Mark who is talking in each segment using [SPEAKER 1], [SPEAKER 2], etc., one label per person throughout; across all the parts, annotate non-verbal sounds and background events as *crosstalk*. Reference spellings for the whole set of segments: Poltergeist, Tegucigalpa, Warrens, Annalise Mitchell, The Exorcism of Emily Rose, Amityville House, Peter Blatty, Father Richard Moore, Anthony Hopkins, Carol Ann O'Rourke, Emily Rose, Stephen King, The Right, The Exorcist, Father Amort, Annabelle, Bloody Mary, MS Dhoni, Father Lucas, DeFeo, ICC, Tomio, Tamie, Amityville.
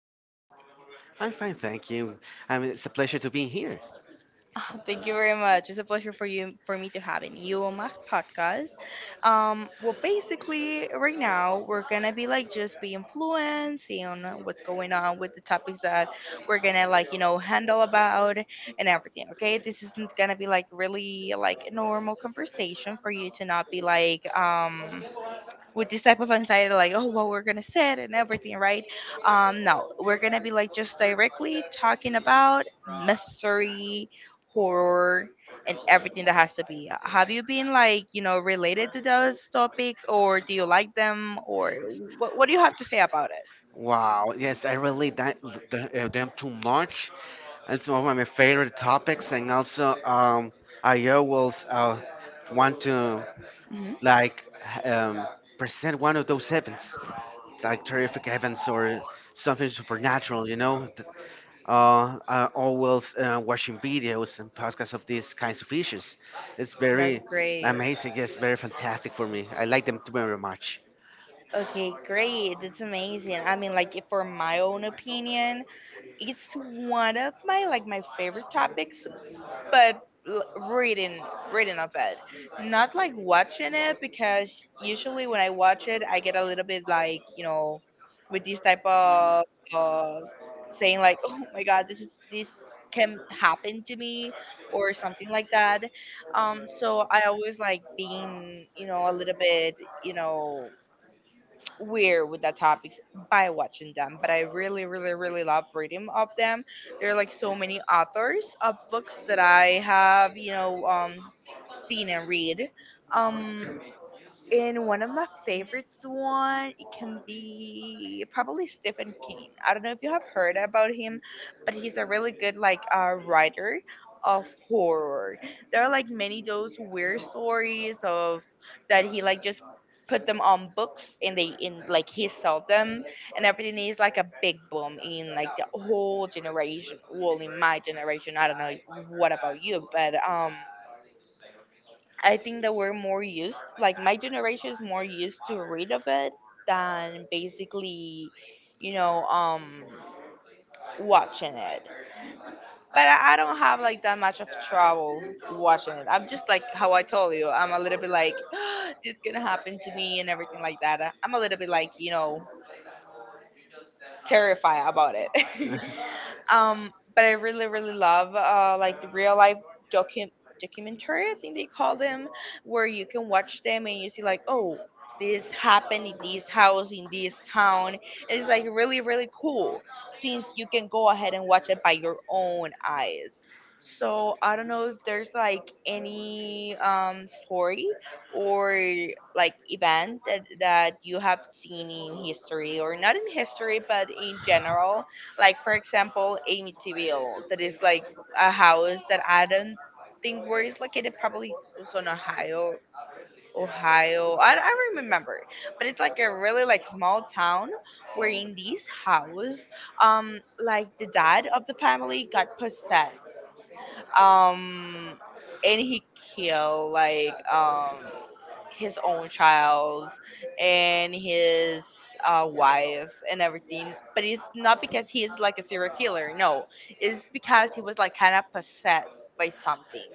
[SPEAKER 1] How are you?
[SPEAKER 2] I'm fine, thank you. I mean, it's a pleasure to be here.
[SPEAKER 1] Thank you very much. It's a pleasure for me to having you on my podcast. Well, basically, right now we're gonna be like just being fluent, seeing what's going on with the topics that we're gonna like handle about and everything. Okay, this isn't gonna be like really like a normal conversation for you to not be like with this type of anxiety, like, oh, what we're gonna say and everything, right? No, we're gonna be like just directly talking about mystery, horror, and everything that has to be. Have you been like related to those topics, or do you like them, or what do you have to say about it?
[SPEAKER 2] Wow, yes, I relate that, them too much. It's one of my favorite topics, and also I always want to
[SPEAKER 1] Hmm,
[SPEAKER 2] like h- um, present one of those heavens. It's like terrific heavens or something supernatural. I always watching videos and podcasts of these kinds of issues. It's very
[SPEAKER 1] that's great.
[SPEAKER 2] amazing. Yes, very fantastic for me. I like them too very much.
[SPEAKER 1] Okay, great. That's amazing. I mean, like, if for my own opinion, it's one of my like my favorite topics, but l- reading reading of it, not like watching it, because usually when I watch it I get a little bit like with this type of, uh, saying like, oh my god, this is this can happen to me or something like that. So I always like being a little bit, you know weird with the topics by watching them, but I really, really, really love reading of them. There are like so many authors of books that I have, seen and read. Um, and one of my favorites one, it can be probably Stephen King. I don't know if you have heard about him, but he's a really good like writer of horror. There are like many those weird stories of that he like just put them on books and they in like he sold them, and everything is like a big boom in like the whole generation. Well, in my generation, I don't know what about you, but I think that we're more used, like my generation is more used to read of it than basically, you know, um, watching it. But I don't have like that much of trouble watching it. I'm just like how I told you. I'm a little bit like, *gasps* this gonna happen to me and everything like that. I'm a little bit like terrified about it. *laughs* But I really, really love like real life docu- documentary, I think they call them, where you can watch them and you see like, oh, this happened in this house in this town. And it's like really, really cool since you can go ahead and watch it by your own eyes. So I don't know if there's like any story or like event that you have seen in history or not in history but in general, like, for example, Amityville, that is like a house that I don't think where it's located, probably is also in Ohio. I don't remember, but it's like a really like small town where in this house, like the dad of the family got possessed, um and he killed like his own child and his wife and everything. But it's not because he is like a serial killer. No, it's because he was like kind of possessed by something.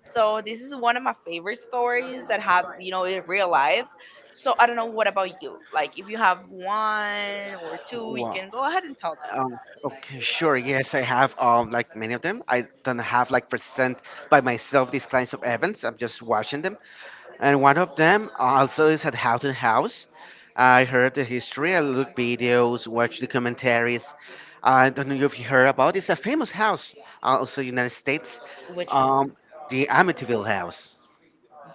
[SPEAKER 1] So this is one of my favorite stories that have in real life. So I don't know what about you. Like, if you have one or two, you
[SPEAKER 2] Wow.
[SPEAKER 1] can go ahead and tell them.
[SPEAKER 2] Okay, sure. Yes, I have like many of them. I don't have like present by myself these kinds of events. I'm just watching them. And one of them also is at Houghton House. I heard the history. I look videos, watch documentaries. I don't know if you heard about. It's a famous house, also United States.
[SPEAKER 1] Which
[SPEAKER 2] Um,
[SPEAKER 1] one?
[SPEAKER 2] the Amityville House.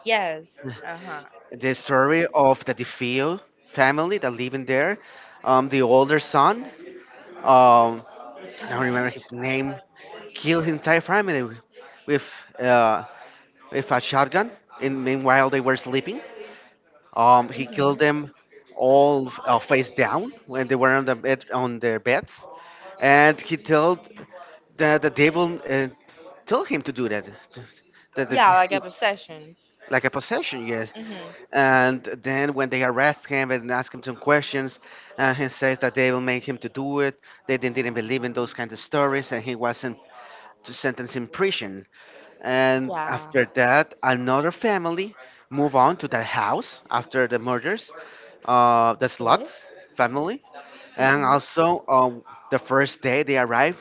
[SPEAKER 1] Yes. Uh huh.
[SPEAKER 2] The story of the DeFeo family that living there. The older son, um, I don't
[SPEAKER 1] Mhm.
[SPEAKER 2] remember his name, killed his entire family with uh, with a shotgun. And meanwhile, they were sleeping. He killed
[SPEAKER 1] Mhm.
[SPEAKER 2] them all face down when they were on their beds, and he told the devil told him to do that. That,
[SPEAKER 1] Yeah,
[SPEAKER 2] that
[SPEAKER 1] like a possession.
[SPEAKER 2] like a possession, yes.
[SPEAKER 1] Mhm.
[SPEAKER 2] And then when they arrest him and ask him some questions, he says that they will make him to do it. They didn't believe in those kinds of stories, and he wasn't to sentence in prison. And
[SPEAKER 1] Yeah.
[SPEAKER 2] after that, another family move on to that house after the murders, the
[SPEAKER 1] Okay.
[SPEAKER 2] Sluts family. And
[SPEAKER 1] Mhm.
[SPEAKER 2] also, the first day they arrive,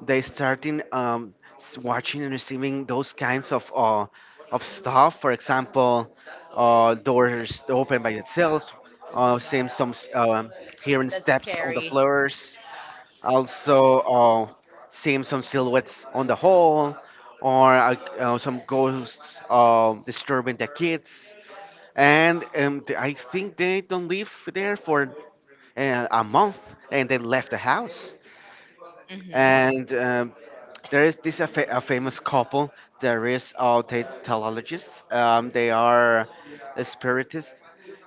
[SPEAKER 2] they starting watching and receiving those kinds of stuff. For example, doors open by themselves,
[SPEAKER 1] Oh my
[SPEAKER 2] uh, seeing
[SPEAKER 1] god,
[SPEAKER 2] some s- um hearing
[SPEAKER 1] that's
[SPEAKER 2] steps on the
[SPEAKER 1] scary.
[SPEAKER 2] floors, also seeing some silhouettes on the hall or some ghosts disturbing the kids and I think they don't live there for a month, and they left the house.
[SPEAKER 1] Mhm.
[SPEAKER 2] And There is this a famous couple. There is they telologists, they are spiritists.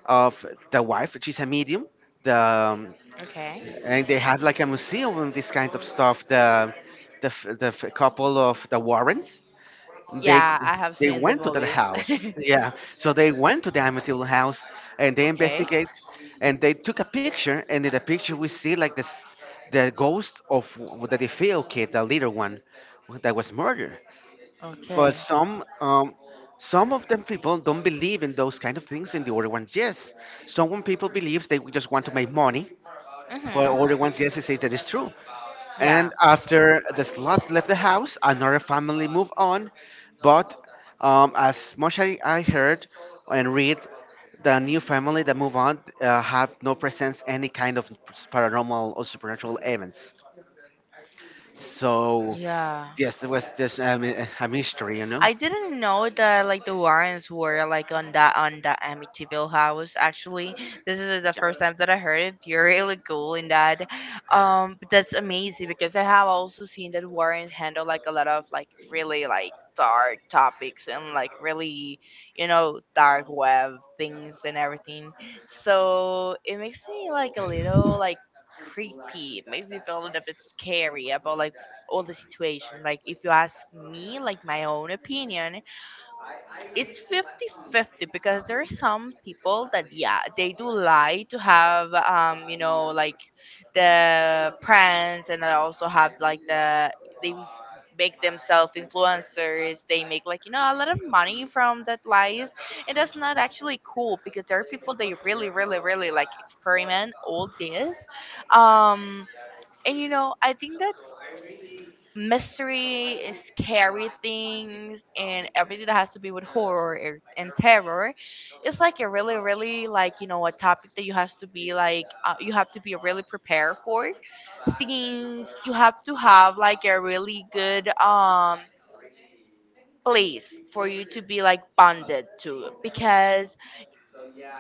[SPEAKER 2] Of the wife, she's a medium. The
[SPEAKER 1] Okay.
[SPEAKER 2] And they had like a museum of this kind of stuff. The couple of the Warrens, they
[SPEAKER 1] Yeah, I have
[SPEAKER 2] they
[SPEAKER 1] seen the
[SPEAKER 2] went to that
[SPEAKER 1] movies. *laughs*
[SPEAKER 2] house. Yeah, so they went to the Amityville house, and they
[SPEAKER 1] Okay.
[SPEAKER 2] investigate, and they took a picture. And in the picture, we see like this the ghost of the DeFeo kid, the little one that was murdered. But
[SPEAKER 1] Okay.
[SPEAKER 2] some. Some of them people don't believe in those kind of things, and the other ones yes. Some people believes they just want to make money, for
[SPEAKER 1] Mhm.
[SPEAKER 2] other ones, yes, they say that it's true.
[SPEAKER 1] Yeah.
[SPEAKER 2] And after the slots left the house, another family moved on. But as much as I heard and read, the new family that move on have no presence any kind of paranormal or supernatural events. So
[SPEAKER 1] Yeah.
[SPEAKER 2] yes, there was just a mystery, you know.
[SPEAKER 1] I didn't know that like the Warrens were like on that Amityville house. Actually, this is the first time that I heard it. You're really cool in that. But that's amazing because I have also seen that Warren handle like a lot of like really like dark topics and like really dark web things and everything. So it makes me like a little like creepy. It makes me feel a little bit scary about like all the situation. Like if you ask me, like my own opinion, it's fifty-fifty because there are some people that yeah, they do lie to have like the brands, and I also have like the they make themselves influencers, they make like a lot of money from that lies, and that's not actually cool because there are people they really really really like experiment all this, um and I think that mystery, scary things, and everything that has to be with horror and terror. It's like a really, really like a topic that you has to be like, you have to be really prepared for. Since you have to have like a really good place for you to be like bonded to because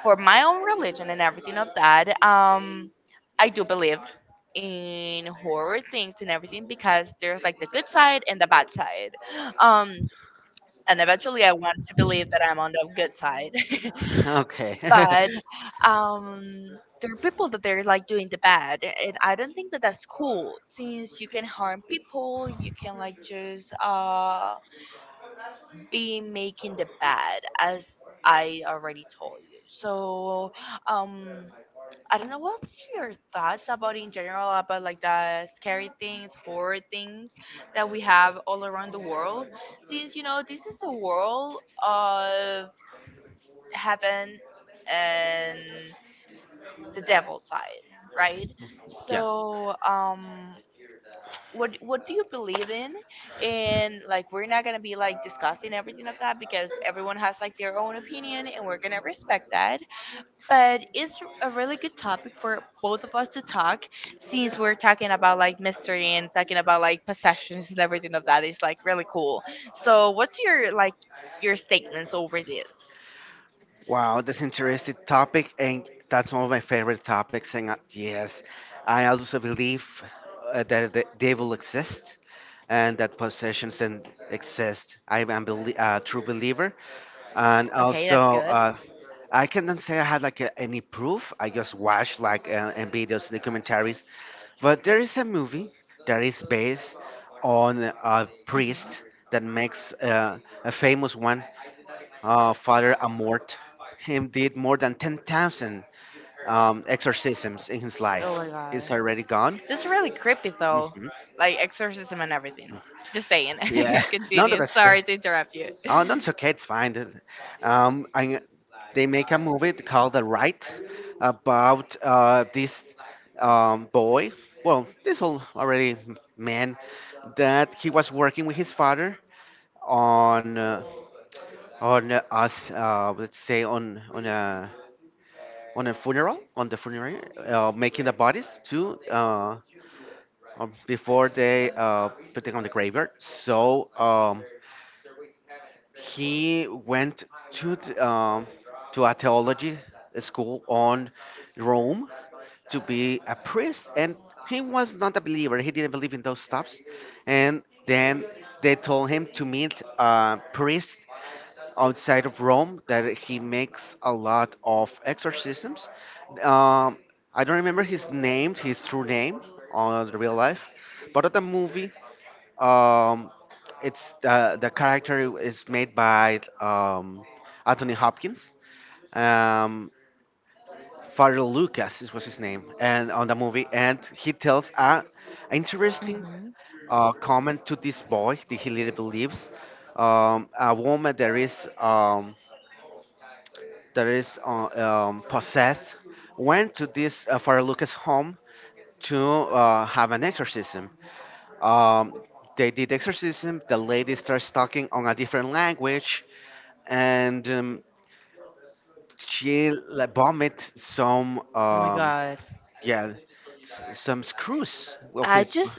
[SPEAKER 1] for my own religion and everything of that, I do believe in horror things and everything because there's like the good side and the bad side. Um, and eventually I want to believe that I'm on the good side.
[SPEAKER 2] *laughs* Okay.
[SPEAKER 1] *laughs* But
[SPEAKER 2] *laughs*
[SPEAKER 1] um, there are people that they're like doing the bad, and I don't think that that's cool since you can harm people, you can like just be making the bad as I already told you. So um I don't know what's your thoughts about in general about like the scary things, horror things that we have all around the world. Since this is a world of heaven and the devil side, right?
[SPEAKER 2] Yeah.
[SPEAKER 1] So what do you believe in? And like we're not gonna be like discussing everything of that because everyone has like their own opinion and we're gonna respect that, but it's a really good topic for both of us to talk, since we're talking about like mystery and talking about like possessions and everything of that is like really cool. So what's your like your statements over this?
[SPEAKER 2] Wow, that's an interesting topic, and that's one of my favorite topics. And yes, I also believe that the devil exists and that possessions and exist. I am a true believer, and
[SPEAKER 1] Okay, that's
[SPEAKER 2] also
[SPEAKER 1] good.
[SPEAKER 2] uh, I cannot say I had like a, any proof. I just watched like and videos and commentaries, but there is a movie that is based on a
[SPEAKER 1] Hmm.
[SPEAKER 2] priest that makes a famous one, Father Amort. Him did more than 10,000 exorcisms in his
[SPEAKER 1] Oh
[SPEAKER 2] life.
[SPEAKER 1] my god.
[SPEAKER 2] It's already gone.
[SPEAKER 1] That's really creepy though.
[SPEAKER 2] Mhm.
[SPEAKER 1] Like exorcism and everything. Just saying.
[SPEAKER 2] Yeah,
[SPEAKER 1] *laughs*
[SPEAKER 2] *laughs* no, no,
[SPEAKER 1] Continue.
[SPEAKER 2] that's good.
[SPEAKER 1] Sorry to interrupt you.
[SPEAKER 2] Oh, no, it's okay. It's fine. Um, I, they make a movie called The Right about this boy. Well, this old already man that he was working with his father on uh, on us. Let's say on a funeral, on the funeral, making the bodies to before they putting on the graveyard. So he went to to a theology school on Rome to be a priest, and he was not a believer. He didn't believe in those stuffs, and then they told him to meet a priest outside of Rome that he makes a lot of exorcisms. Um, I don't remember his name, his true name on the real life, but at the movie, um, it's the character is made by Anthony Hopkins. Um, Father Lucas is was his name, and on the movie, and he tells a interesting
[SPEAKER 1] Hmm.
[SPEAKER 2] comment to this boy that he really believes. A woman that is possessed, went to this Father Lucas home to have an exorcism. Um, they did exorcism. The lady starts talking on a different language, and she like, vomit some
[SPEAKER 1] Oh my god.
[SPEAKER 2] yeah, some screws of
[SPEAKER 1] I
[SPEAKER 2] his.
[SPEAKER 1] just,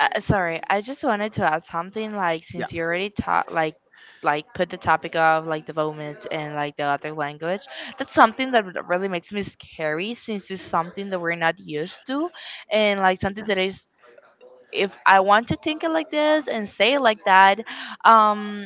[SPEAKER 1] sorry, I just wanted to add something, like,
[SPEAKER 2] yeah
[SPEAKER 1] since you already taught like put the topic of like the vomit and like the other language. That's something that really makes me scary since it's something that we're not used to, and like something
[SPEAKER 2] yeah
[SPEAKER 1] that is, if I want to think it like this and say it like that, um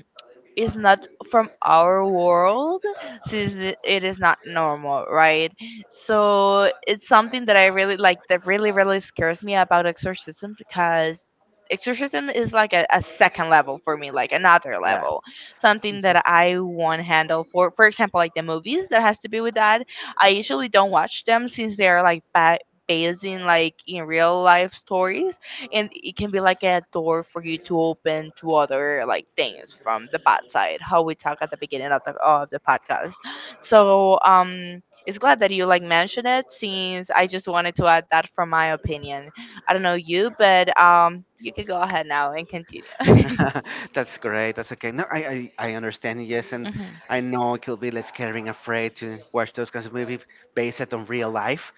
[SPEAKER 1] is not from our world since it is not normal, right? So it's something that I really like, that really really scares me about exorcism because exorcism is like a second level for me, like another
[SPEAKER 2] yeah.
[SPEAKER 1] level, something that I won't handle for example like the movies that has to be with that I usually don't watch them since they're like based in like in real life stories, and it can be like a door for you to open to other like things from the bad side how we talk at the beginning of the podcast. So it's glad that you like mentioned it since I just wanted to add that from my opinion. I don't know you but you can go ahead now and continue. *laughs*
[SPEAKER 2] *laughs* That's great. That's okay. No, I understand. Yes, and
[SPEAKER 1] Mhm.
[SPEAKER 2] I know it could be less scaring, afraid to watch those kinds of movies based on real life.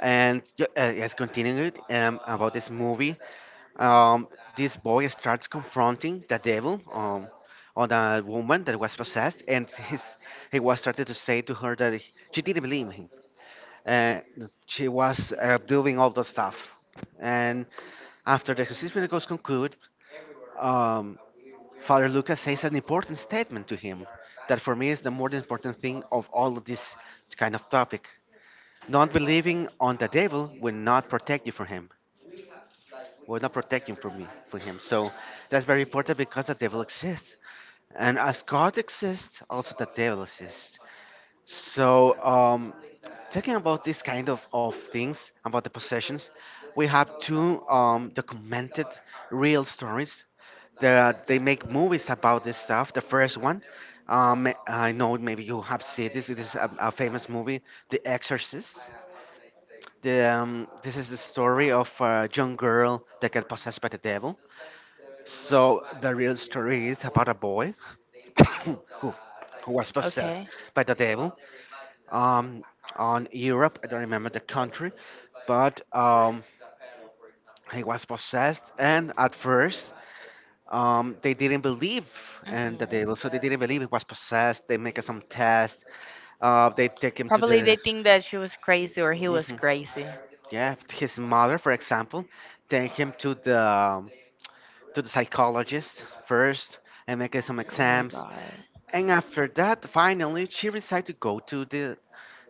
[SPEAKER 2] And yes, continuing about this movie, um, this boy starts confronting the devil on a woman that was possessed, and he was started to say to her that she didn't believe him. Uh, she was doing all the stuff. And after the exorcism goes conclude, um, Father Lucas says an important statement to him that for me is the most important thing of all of this kind of topic. Not believing on the devil will not protect you from him. Will not protect you from me from him. So that's very important because the devil exists. And as God exists, also the devil exists. So um, Talking about this kind of things, about the possessions, we have two documented real stories that they make movies about this stuff. The first one, I know maybe you have seen this, it is a famous movie, The Exorcist. This is the story of a young girl that got possessed by the devil. So the real story is about a boy *coughs* who, who was possessed
[SPEAKER 1] Okay.
[SPEAKER 2] by the devil um, on Europe. I don't remember the country, but he was possessed, and at first they didn't believe, and that
[SPEAKER 1] Mhm.
[SPEAKER 2] they didn't believe he was possessed. They make some test. They take him to
[SPEAKER 1] Probably
[SPEAKER 2] the
[SPEAKER 1] they think that she was crazy or he was
[SPEAKER 2] Mhm.
[SPEAKER 1] crazy.
[SPEAKER 2] Yeah, his mother, for example, take him to the psychologist first and make some
[SPEAKER 1] Oh my
[SPEAKER 2] exams.
[SPEAKER 1] God.
[SPEAKER 2] And after that, finally, she decided to go to the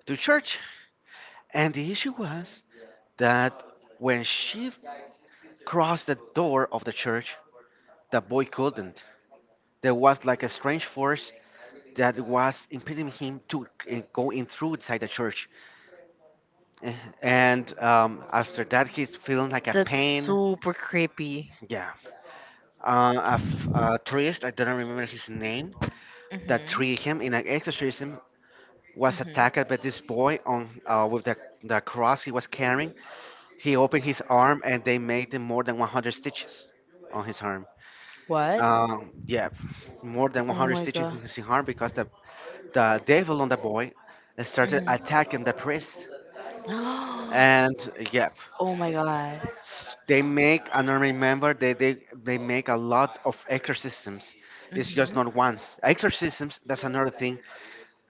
[SPEAKER 2] to church. And the issue was that when she crossed the door of the church, the boy couldn't. There was like a strange force that was impeding him to go in through inside the church. Eh, And After that, he's feeling like a
[SPEAKER 1] That's
[SPEAKER 2] pain.
[SPEAKER 1] super creepy.
[SPEAKER 2] Yeah. A tourist, I don't remember his name, that treated
[SPEAKER 1] Mhm.
[SPEAKER 2] him in an exorcism was
[SPEAKER 1] Mhm.
[SPEAKER 2] attacked by this boy on the cross he was carrying. He opened his arm and they made him more than 100 stitches on his arm.
[SPEAKER 1] What?
[SPEAKER 2] Yeah, more than
[SPEAKER 1] Oh
[SPEAKER 2] 100
[SPEAKER 1] my
[SPEAKER 2] stitches
[SPEAKER 1] God.
[SPEAKER 2] in his arm because the devil on the boy started
[SPEAKER 1] Mhm.
[SPEAKER 2] attacking the priest
[SPEAKER 1] *gasps*
[SPEAKER 2] and yep.
[SPEAKER 1] Oh my God.
[SPEAKER 2] They make, and I remember they make a lot of exorcisms. It's just
[SPEAKER 1] Mhm.
[SPEAKER 2] not once exorcisms, that's another thing.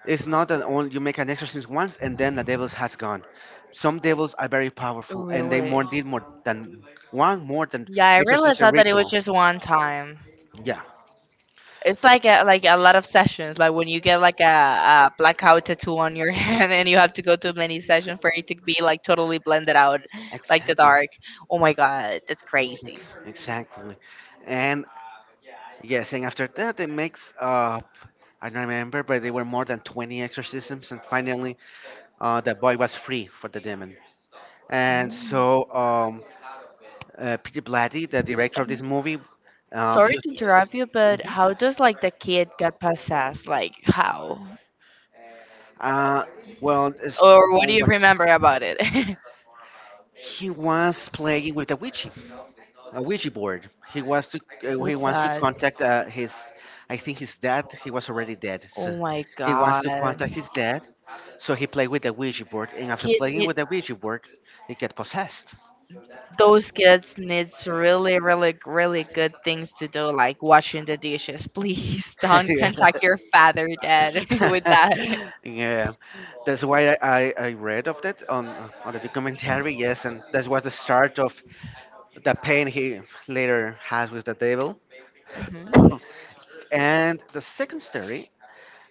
[SPEAKER 2] It's not that only you make an exorcism once and then the devils has gone. Some devils are very powerful and they
[SPEAKER 1] Really?
[SPEAKER 2] more need more than one, more than
[SPEAKER 1] Yeah, I really
[SPEAKER 2] exorcism
[SPEAKER 1] thought that it was
[SPEAKER 2] ritual,
[SPEAKER 1] just one time.
[SPEAKER 2] yeah.
[SPEAKER 1] It's like a lot of sessions. Like when you get like a blackout tattoo on your *laughs* hand, and you have to go to many sessions for it to be like totally blended out,
[SPEAKER 2] ex-
[SPEAKER 1] like the dark. Oh my god, that's
[SPEAKER 2] ex-
[SPEAKER 1] crazy.
[SPEAKER 2] exactly. And yes, and after that it makes I don't remember, but there were more than 20 exorcisms, and finally, the boy was free for the demon. And
[SPEAKER 1] Mm.
[SPEAKER 2] so, Peter Blatty, the director of this movie,
[SPEAKER 1] Sorry
[SPEAKER 2] used,
[SPEAKER 1] to interrupt you, but how does like the kid get possessed? Like how?
[SPEAKER 2] uh, well, it's-
[SPEAKER 1] Or what do
[SPEAKER 2] I
[SPEAKER 1] you
[SPEAKER 2] was,
[SPEAKER 1] remember about it? *laughs*
[SPEAKER 2] he was playing with a Ouija board. He was to, he
[SPEAKER 1] What's
[SPEAKER 2] wants to
[SPEAKER 1] that?
[SPEAKER 2] contact I think his dad. He was already dead,
[SPEAKER 1] Oh
[SPEAKER 2] so
[SPEAKER 1] my
[SPEAKER 2] he wants to
[SPEAKER 1] God.
[SPEAKER 2] contact his dad. So he played with the Ouija board, and after
[SPEAKER 1] Kid
[SPEAKER 2] playing
[SPEAKER 1] need,
[SPEAKER 2] with the Ouija board, he get possessed.
[SPEAKER 1] those kids needs really, really, really good things to do, like washing the dishes. *laughs* Please don't
[SPEAKER 2] *laughs*
[SPEAKER 1] contact your father, dad, *laughs* with that.
[SPEAKER 2] *laughs* Yeah, that's why I read of that on the documentary. Yes, and that was the start of the pain he later has with the devil.
[SPEAKER 1] Mhm.
[SPEAKER 2] *coughs* And the second story,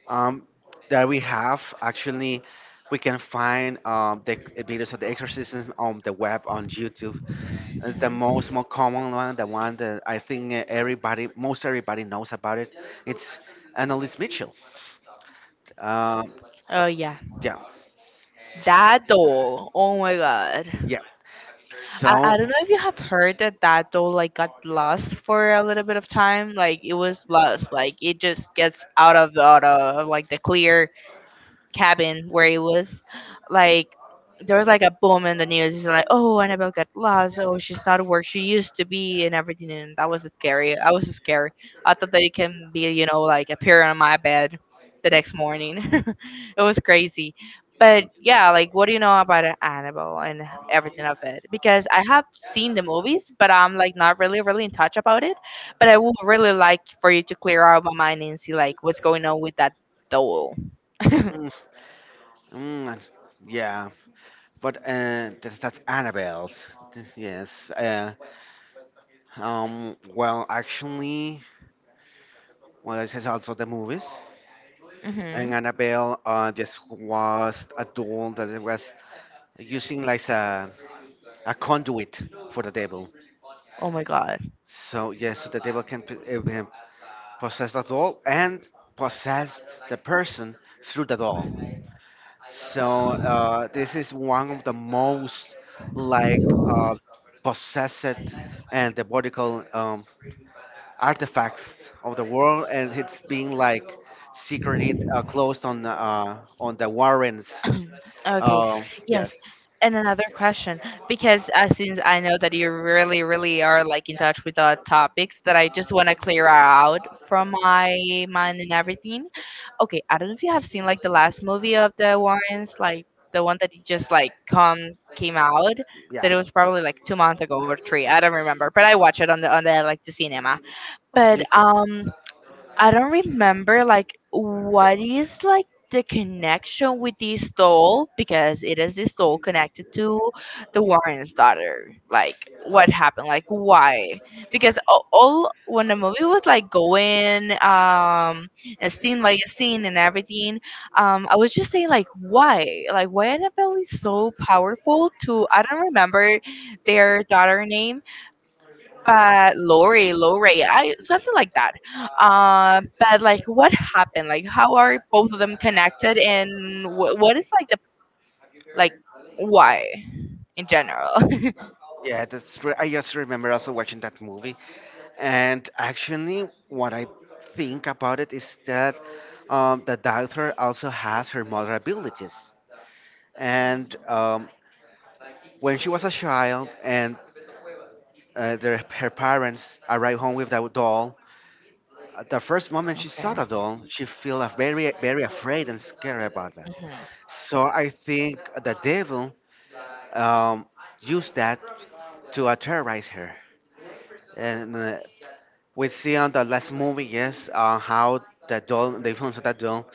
[SPEAKER 2] um, that we have actually, we can find the videos of the exorcism on the web on YouTube. It's the
[SPEAKER 1] Mhm.
[SPEAKER 2] most more common one, the one that I think everybody, most everybody knows about it. It's Annalise Mitchell. Um
[SPEAKER 1] Oh yeah,
[SPEAKER 2] yeah,
[SPEAKER 1] that doll. Oh my God.
[SPEAKER 2] yeah.
[SPEAKER 1] I
[SPEAKER 2] So
[SPEAKER 1] don't know if you have heard that that doll like got lost for a little bit of time. Like it was lost. Like it just gets out of like the clear cabin where he was, like there was like a boom in the news. It's like, oh, Annabelle got lost, oh, she's not where she used to be and everything. And that was scary, I was scared. I thought that it can be, like, appear on my bed the next morning. *laughs* It was crazy. But yeah, like, what do you know about Annabelle and everything of it? Because I have seen the movies, but I'm like not really really in touch about it. But I would really like for you to clear out my mind and see like what's going on with that doll. *laughs*
[SPEAKER 2] Mm, mm, yeah, but that's Annabelle's. Yes. Well, actually, well, this is also the movies.
[SPEAKER 1] Mm-hmm.
[SPEAKER 2] And Annabelle, this was a doll that it was using like a conduit for the devil.
[SPEAKER 1] Oh my God.
[SPEAKER 2] So yes, so the devil can can possess the doll and possess the person through the doll. So this is one of the most like uh, possessed and diabolical artifacts of the world, and it's being like secreted, closed on the Warrens.
[SPEAKER 1] Okay. Yes.
[SPEAKER 2] Yes,
[SPEAKER 1] And another question, because since I know that you really, really are like in touch with the topics that I just want to clear out from my mind and everything. Okay, I don't know if you have seen like the last movie of the Warrens, like the one that just like come came out.
[SPEAKER 2] yeah,
[SPEAKER 1] That it was probably like 2 months ago or three. I don't remember, but I watched it on the like the cinema. But I don't remember like what is like the connection with this doll, because it is this doll connected to the Warren's daughter. Like what happened? Like why? Because all when the movie was like going, and scene by scene and everything, I was just saying like, why? Like why Annabelle is so powerful to, I don't remember their daughter name, but Lori, Lori, I something like that. But like, what happened? Like, how are both of them connected, and what is like the, like why in general? *laughs*
[SPEAKER 2] yeah. I just remember also watching that movie, and actually, what I think about it is that the doctor also has her mother abilities and when she was a child and her parents arrived home with that doll. At the first moment she saw
[SPEAKER 1] Okay.
[SPEAKER 2] the doll, she felt very, very afraid and scared about that.
[SPEAKER 1] Hmm.
[SPEAKER 2] So I think the devil um, used that to terrorize her. And we see on the last movie, yes, how the doll, the influence of that doll,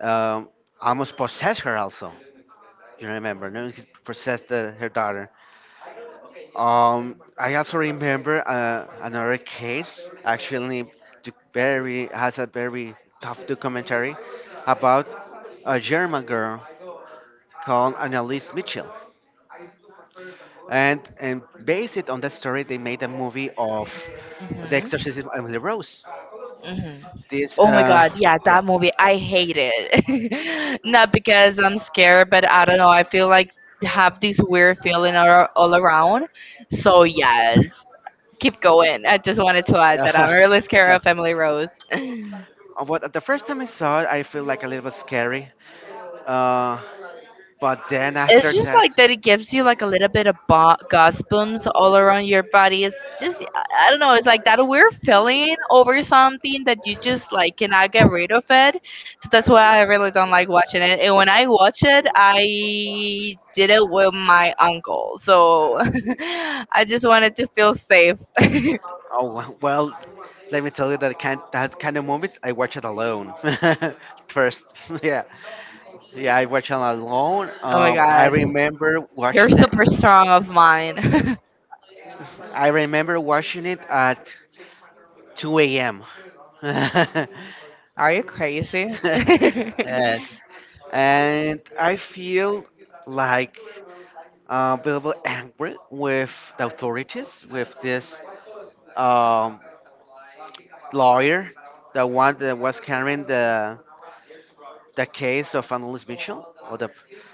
[SPEAKER 2] um, almost possessed her also. You remember, no? He possessed her daughter. I also remember another case. Actually, very has a very tough documentary about a German girl called Annalise Mitchell, and based it on that story, they made a movie of The
[SPEAKER 1] Hmm.
[SPEAKER 2] Exorcism of Emily Rose.
[SPEAKER 1] Hmm.
[SPEAKER 2] This,
[SPEAKER 1] Oh my god,
[SPEAKER 2] uh,
[SPEAKER 1] yeah,
[SPEAKER 2] yeah.
[SPEAKER 1] that movie, I hate it. *laughs* Not because I'm scared, but I don't know, I feel like have this weird feeling all around. So yes, keep going. I just wanted to add that I'm
[SPEAKER 2] *laughs*
[SPEAKER 1] really scared of Emily Rose. *laughs*
[SPEAKER 2] What the first time I saw it, I feel like a little bit scary, uh, but then
[SPEAKER 1] It's
[SPEAKER 2] after
[SPEAKER 1] just
[SPEAKER 2] that,
[SPEAKER 1] like that it gives you like a little bit of goosebumps all around your body. It's just I don't know. It's like that weird feeling over something that you just like cannot get rid of it. So that's why I really don't like watching it. And when I watch it, I did it with my uncle, so *laughs* I just wanted to feel safe. *laughs* Oh
[SPEAKER 2] oh. *laughs* Well, let me tell you that kind of movies I watch it alone. *laughs* First, *laughs* yeah, yeah, I watch it alone.
[SPEAKER 1] my god, you're super strong of mine.
[SPEAKER 2] I remember watching it at 2 a.m. *laughs*
[SPEAKER 1] *laughs* Are you crazy? *laughs*
[SPEAKER 2] Yes, and I feel like a little angry with the authorities, with this um, lawyer, the one that was carrying the case of Annalise Mitchell, or the,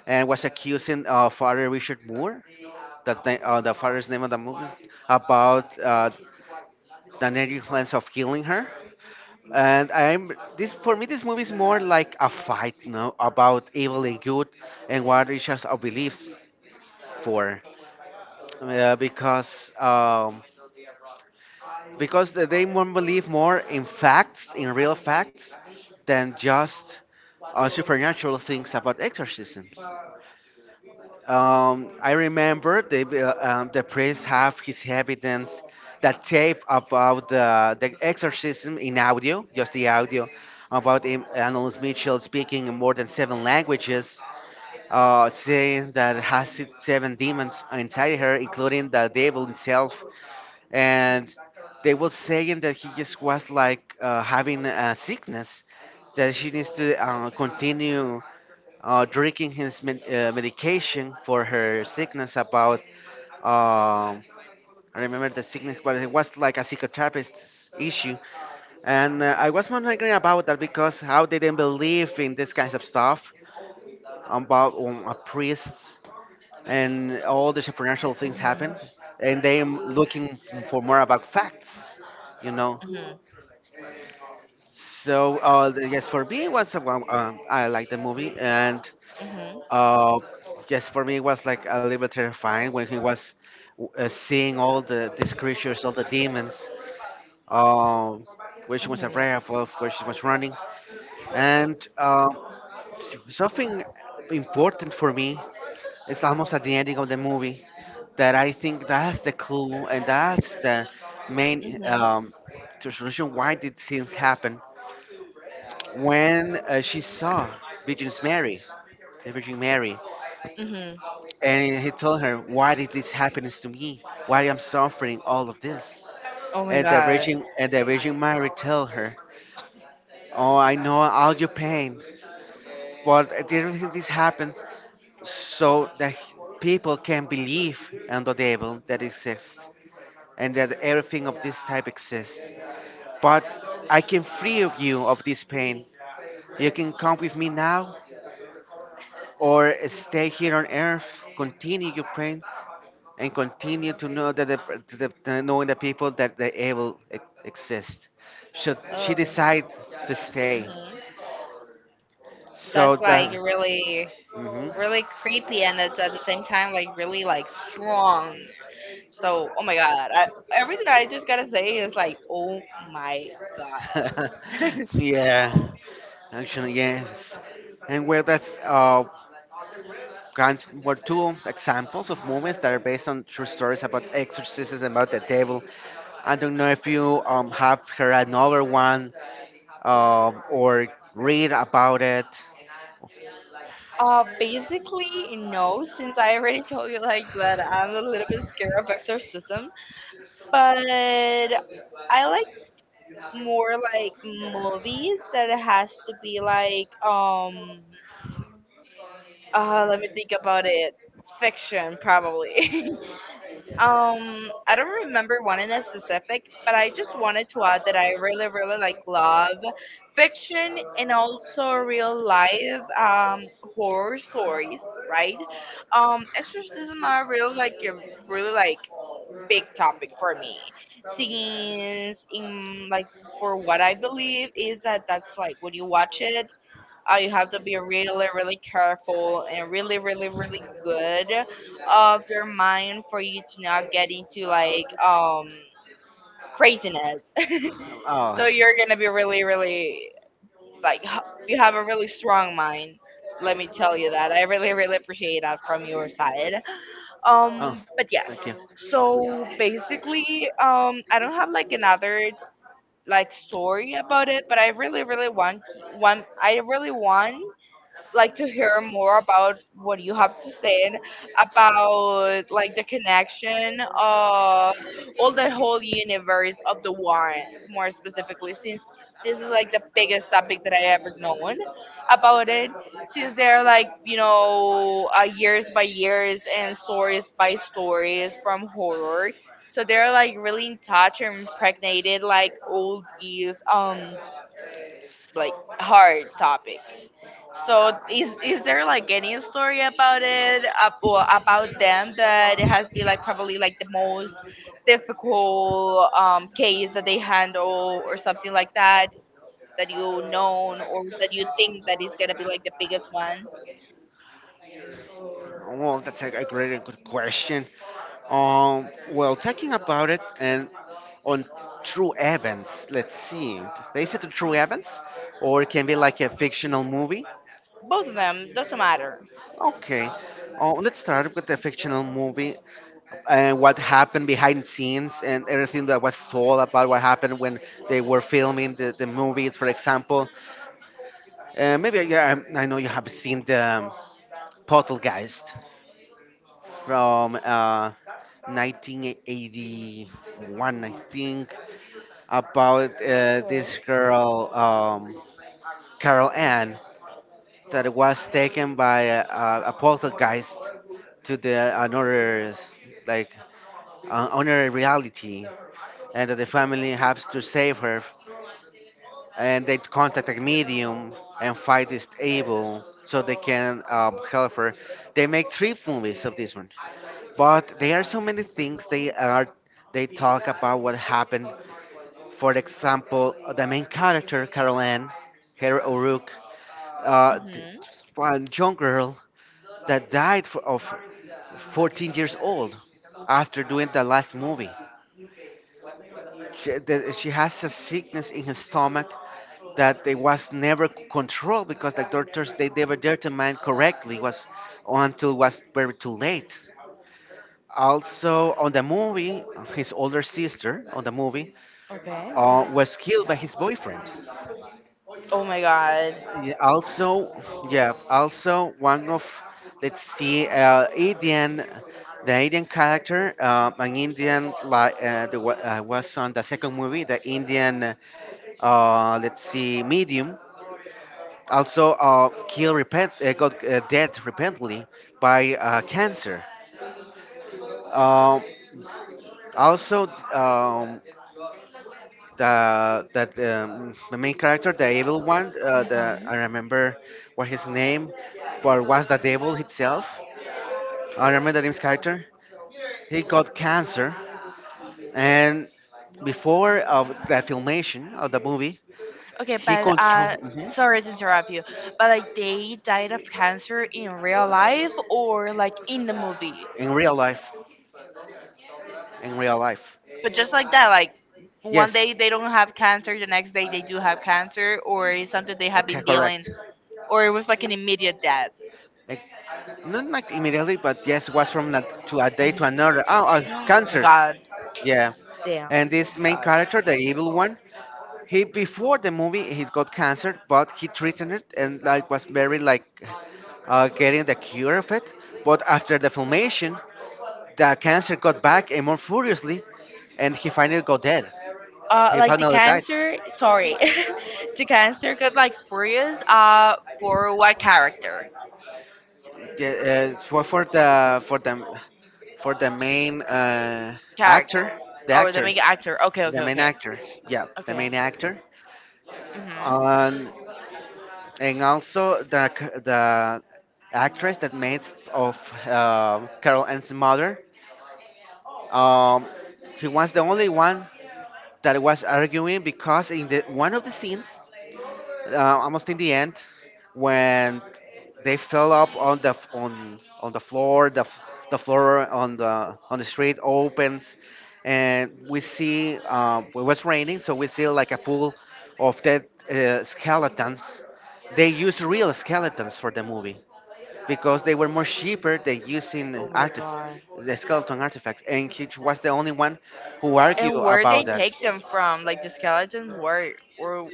[SPEAKER 2] and was accusing Father Richard Moore, the, the father's name of the movie, about the negligence of killing her. And I'm this For me, this movie is more like a fight, you know, about evil and good, and what each of our beliefs for, uh, because um, because they more believe more in facts, in real facts, than just supernatural things about exorcism. I remember the priest have his evidence, that tape about the exorcism in audio, just the audio, about him, Annalise Mitchell speaking in more than seven languages, saying that has it seven demons inside her, including the devil himself, and they were saying that he just was like having a sickness, that she needs to continue drinking his medication for her sickness about, um, I remember the sickness but it was like a psychotherapist issue. And I was wondering about that because how they didn't believe in this kinds of stuff about a priest and all the supernatural things
[SPEAKER 1] Mhm,
[SPEAKER 2] happen, and they looking for more about facts, you know.
[SPEAKER 1] mhm,
[SPEAKER 2] So yes, for me it was a, I like the movie. And
[SPEAKER 1] mhm,
[SPEAKER 2] Uh, yes, for me it was like a little bit terrifying when he was seeing all the these creatures, all the demons. Um, where she was
[SPEAKER 1] mhm,
[SPEAKER 2] afraid of, where she was running, and something important for me is almost at the ending of the movie, that I think that's the clue and that's the main
[SPEAKER 1] mhm.
[SPEAKER 2] solution why did things happen, when she saw Virgin's Mary, the Virgin Mary.
[SPEAKER 1] Mhm.
[SPEAKER 2] And he told her, "Why did this happen to me? Why am I suffering all of this?"
[SPEAKER 1] Oh my
[SPEAKER 2] And
[SPEAKER 1] god.
[SPEAKER 2] The Virgin Mary told her, "Oh, I know all your pain, but I didn't think this happened so that people can believe on the devil that exists, and that everything of this type exists. But I can free of you of this pain. You can come with me now, or stay here on earth, continue your pain, and continue to know that knowing the people that the evil exist. Should she
[SPEAKER 1] Oh.
[SPEAKER 2] decide to stay?
[SPEAKER 1] Mhm.
[SPEAKER 2] So
[SPEAKER 1] That's like
[SPEAKER 2] that."
[SPEAKER 1] really,
[SPEAKER 2] Hmm.
[SPEAKER 1] really creepy, and it's at the same time like really like strong. So, oh my god. I, everything I just gotta say is like, oh my god.
[SPEAKER 2] *laughs*
[SPEAKER 1] *laughs*
[SPEAKER 2] Yeah, actually, yes. And well, that's grants were two examples of movies that are based on true stories about exorcisms and about the devil. I don't know if you have heard another one, or read about it.
[SPEAKER 1] Basically, no, since I already told you like that I'm a little bit scared of exorcism, but I like more like movies that has to be like let me think about it, fiction probably. *laughs* I don't remember one in a specific, but I just wanted to add that I really really like love fiction, and also real life horror stories, right? Exorcism are really like big topic for me, since in like, for what I believe is that, that's like when you watch it, you have to be really really careful and really really really good of your mind for you to not get into like craziness. *laughs*
[SPEAKER 2] Oh,
[SPEAKER 1] So you're gonna be really really like you have a really strong mind. Let me tell you that I really really appreciate that from your side. um
[SPEAKER 2] oh,
[SPEAKER 1] but yes,
[SPEAKER 2] thank you.
[SPEAKER 1] so basically, I don't have like another like story about it, but I really really want, I really want like to hear more about what you have to say about like the connection of all the whole universe of the Warrens, more specifically, since this is like the biggest topic that I ever known about it. Since they're like, years by years and stories by stories from horror, so they're like really in touch and impregnated like all these like hard topics. So is there like any story about it, or about them, that it has been like probably like the most difficult case that they handle or something like that, that you known or that you think that is gonna be like the biggest one?
[SPEAKER 2] Well, that's a great and good question. Well, talking about it and on true events, let's see, based on true events, or it can be like a fictional movie.
[SPEAKER 1] Both of them doesn't matter.
[SPEAKER 2] Okay, let's start with the fictional movie and what happened behind scenes and everything that was told about what happened when they were filming the movies, for example. Maybe yeah, I know you have seen the Poltergeist from 1981, I think, about
[SPEAKER 1] Okay.
[SPEAKER 2] this girl, Carol Ann, that was taken by a poltergeist to the another, like, another reality, and that the family has to save her, and they contact a medium and find this able so they can help her. They make three movies of this one, but there are so many things they talk about what happened. For example, the main character Caroline, Ann, her O'Rourke, uh, th-
[SPEAKER 1] Hmm.
[SPEAKER 2] one young girl that died for, of 14 years old after doing the last movie. She has a sickness in her stomach that they was never controlled, because the doctors they never determined correctly was, until it was very too late. Also on the movie, his older sister on the movie
[SPEAKER 1] Okay. Mhm.
[SPEAKER 2] was killed by his boyfriend.
[SPEAKER 1] Oh my god.
[SPEAKER 2] Yeah, also, yeah, also one of, let's see, Indian, the Indian character, an Indian like was on the second movie, the Indian let's see, medium. Also, kill repent got dead repentantly by cancer. Um, also, um, the that the main character, the evil one, the I remember what his name, but was the devil itself. I remember the name's character. He got cancer, and before of the filmation of the movie,
[SPEAKER 1] Okay,
[SPEAKER 2] he
[SPEAKER 1] but
[SPEAKER 2] control mhm,
[SPEAKER 1] sorry to interrupt you, but like they died of cancer in real life or like in the movie.
[SPEAKER 2] in real life. In real life,
[SPEAKER 1] But just like that, like one
[SPEAKER 2] yes.
[SPEAKER 1] day they don't have cancer, the next day they do have cancer, or it's something they have
[SPEAKER 2] Okay,
[SPEAKER 1] been dealing,
[SPEAKER 2] correct.
[SPEAKER 1] or it was like an immediate death.
[SPEAKER 2] Like, not like immediately, but yes, was from that to a day to another. Oh,
[SPEAKER 1] *gasps* Oh my
[SPEAKER 2] cancer.
[SPEAKER 1] god,
[SPEAKER 2] Yeah.
[SPEAKER 1] damn.
[SPEAKER 2] And
[SPEAKER 1] Oh
[SPEAKER 2] this
[SPEAKER 1] my
[SPEAKER 2] main
[SPEAKER 1] god.
[SPEAKER 2] character, the evil one, he before the movie he got cancer, but he treated it and like was very like getting the cure of it. But after the filmation, the cancer got back and more furiously, and he finally got dead. He
[SPEAKER 1] Like the
[SPEAKER 2] finally died.
[SPEAKER 1] cancer, sorry, *laughs* the cancer got like furious. For what character?
[SPEAKER 2] Yeah, for the main actor,
[SPEAKER 1] Character. Oh, the
[SPEAKER 2] actor,
[SPEAKER 1] main actor. Okay, okay,
[SPEAKER 2] the main
[SPEAKER 1] okay,
[SPEAKER 2] actor. Yeah, the
[SPEAKER 1] okay.
[SPEAKER 2] main actor,
[SPEAKER 1] Mhm.
[SPEAKER 2] and also the actress that made of Carol Anne's mother. Um, he was the only one that was arguing because in the one of the scenes almost in the end, when they fell up on the on the floor, the floor on the street opens, and we see it was raining so we see like a pool of dead skeletons. They used real skeletons for the movie because they were more cheaper than using
[SPEAKER 1] Oh my god.
[SPEAKER 2] the skeleton artifacts, and Hitch was the only one who argued
[SPEAKER 1] And where they
[SPEAKER 2] about that.
[SPEAKER 1] take them from, like the skeletons, where, oh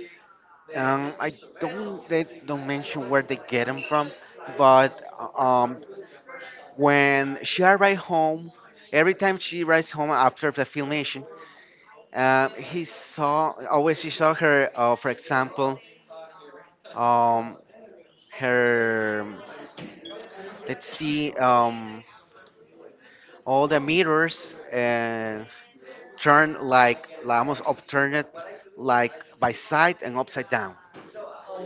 [SPEAKER 2] I don't, they don't mention where they get them from, but um, when she arrived home, every time she arrives home after the filmation, he saw always she saw her. For example, um, her let's see, all the mirrors turned like almost upturned, like by side and upside down.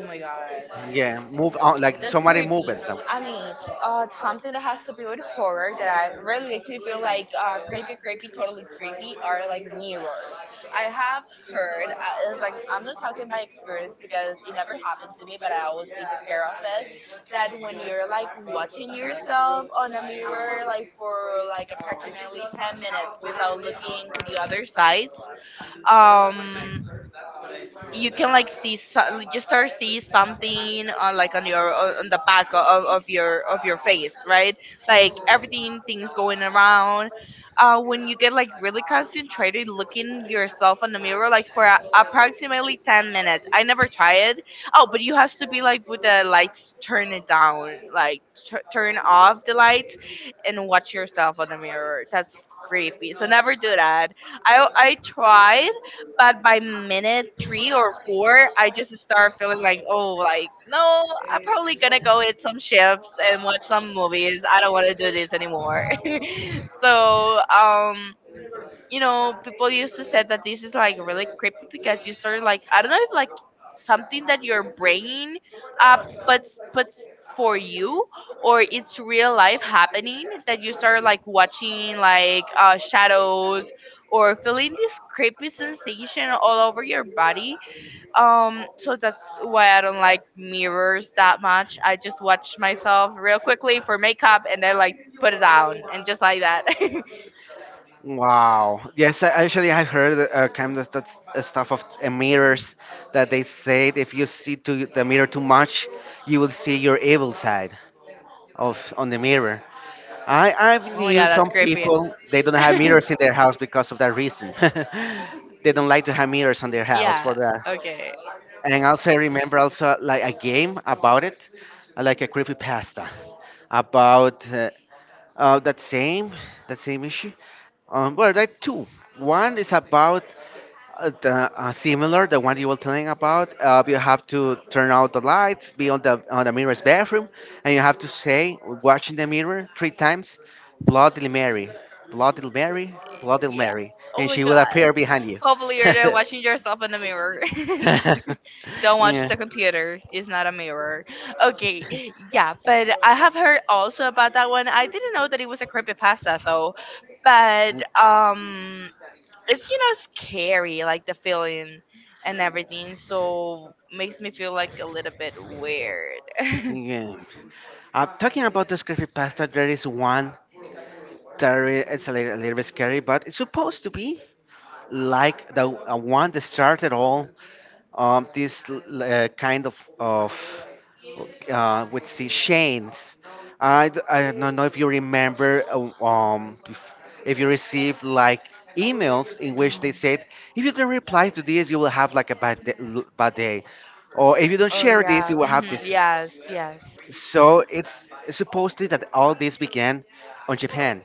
[SPEAKER 1] my god.
[SPEAKER 2] Yeah, move out like
[SPEAKER 1] That's
[SPEAKER 2] somebody
[SPEAKER 1] creepy.
[SPEAKER 2] moving them.
[SPEAKER 1] I mean, something that has to do with horror that I, really makes me feel like creepy, creepy, totally creepy, are like mirrors. I have heard, it's like I'm not talking by experience because it never happened to me, but I always been scared of it. That when you're like watching yourself on a mirror, like for like approximately 10 minutes without looking to the other sides, um, you can like see like, you start see something on like on your on the back of your face, right? Like everything things going around when you get like really concentrated looking yourself in the mirror like for approximately 10 minutes. I never tried. Oh, but you have to be like with the lights turn it down, like turn off the lights and watch yourself on the mirror. That's creepy, so never do that. I tried, but by minute 3 or 4, I just start feeling like, oh, like, no, I'm probably gonna go eat some chips and watch some movies. I don't wanna do this anymore. *laughs* So, you know, people used to say that this is like really creepy, because you start like, I don't know if like something that your brain uh puts for you, or it's real life happening, that you start like watching like shadows or feeling this creepy sensation all over your body. So that's why I don't like mirrors that much. I just watch myself real quickly for makeup and then like put it down and just like that. *laughs* Oh
[SPEAKER 2] Wow. Yes, I, actually, I heard kind of that stuff of mirrors, that they said if you see to the mirror too much, you will see your evil side of on the mirror. I've
[SPEAKER 1] my
[SPEAKER 2] knew
[SPEAKER 1] god, that's
[SPEAKER 2] some
[SPEAKER 1] creepy.
[SPEAKER 2] people they don't have
[SPEAKER 1] *laughs*
[SPEAKER 2] mirrors in their house because of that reason. *laughs* They don't like to have mirrors on their house
[SPEAKER 1] Yeah.
[SPEAKER 2] for that.
[SPEAKER 1] Okay.
[SPEAKER 2] And also, I remember also like a game about it, like a creepy pasta about uh, that same that same issue. Well, there are two. One is about the similar the one you were telling about. You have to turn out the lights, be on the mirror's bathroom, and you have to say, watching the mirror three times, "Bloody Mary, Bloody Mary, Bloody
[SPEAKER 1] Yeah.
[SPEAKER 2] Mary,"
[SPEAKER 1] Oh
[SPEAKER 2] and
[SPEAKER 1] my
[SPEAKER 2] she will
[SPEAKER 1] god.
[SPEAKER 2] appear behind you. *laughs*
[SPEAKER 1] Hopefully you're there watching yourself in the mirror. *laughs* Don't watch
[SPEAKER 2] Yeah.
[SPEAKER 1] the computer. It's not a mirror. Okay. Yeah, but I have heard also about that one. I didn't know that it was a creepypasta though. But it's, scary, like the feeling and everything. So makes me feel like a little bit weird. *laughs*
[SPEAKER 2] Yeah. Talking about this creepypasta, there is one that is a little bit scary, but it's supposed to be like the one that started all kind of with see chains. I don't know if you remember if you received like emails in which they
[SPEAKER 1] Mm.
[SPEAKER 2] said if you don't reply to this you will have like a bad day, bad day, or if you don't
[SPEAKER 1] Oh
[SPEAKER 2] share this you
[SPEAKER 1] yeah.
[SPEAKER 2] will
[SPEAKER 1] Hmm.
[SPEAKER 2] have this,
[SPEAKER 1] Yes, yes.
[SPEAKER 2] so it's supposedly that all this began on japan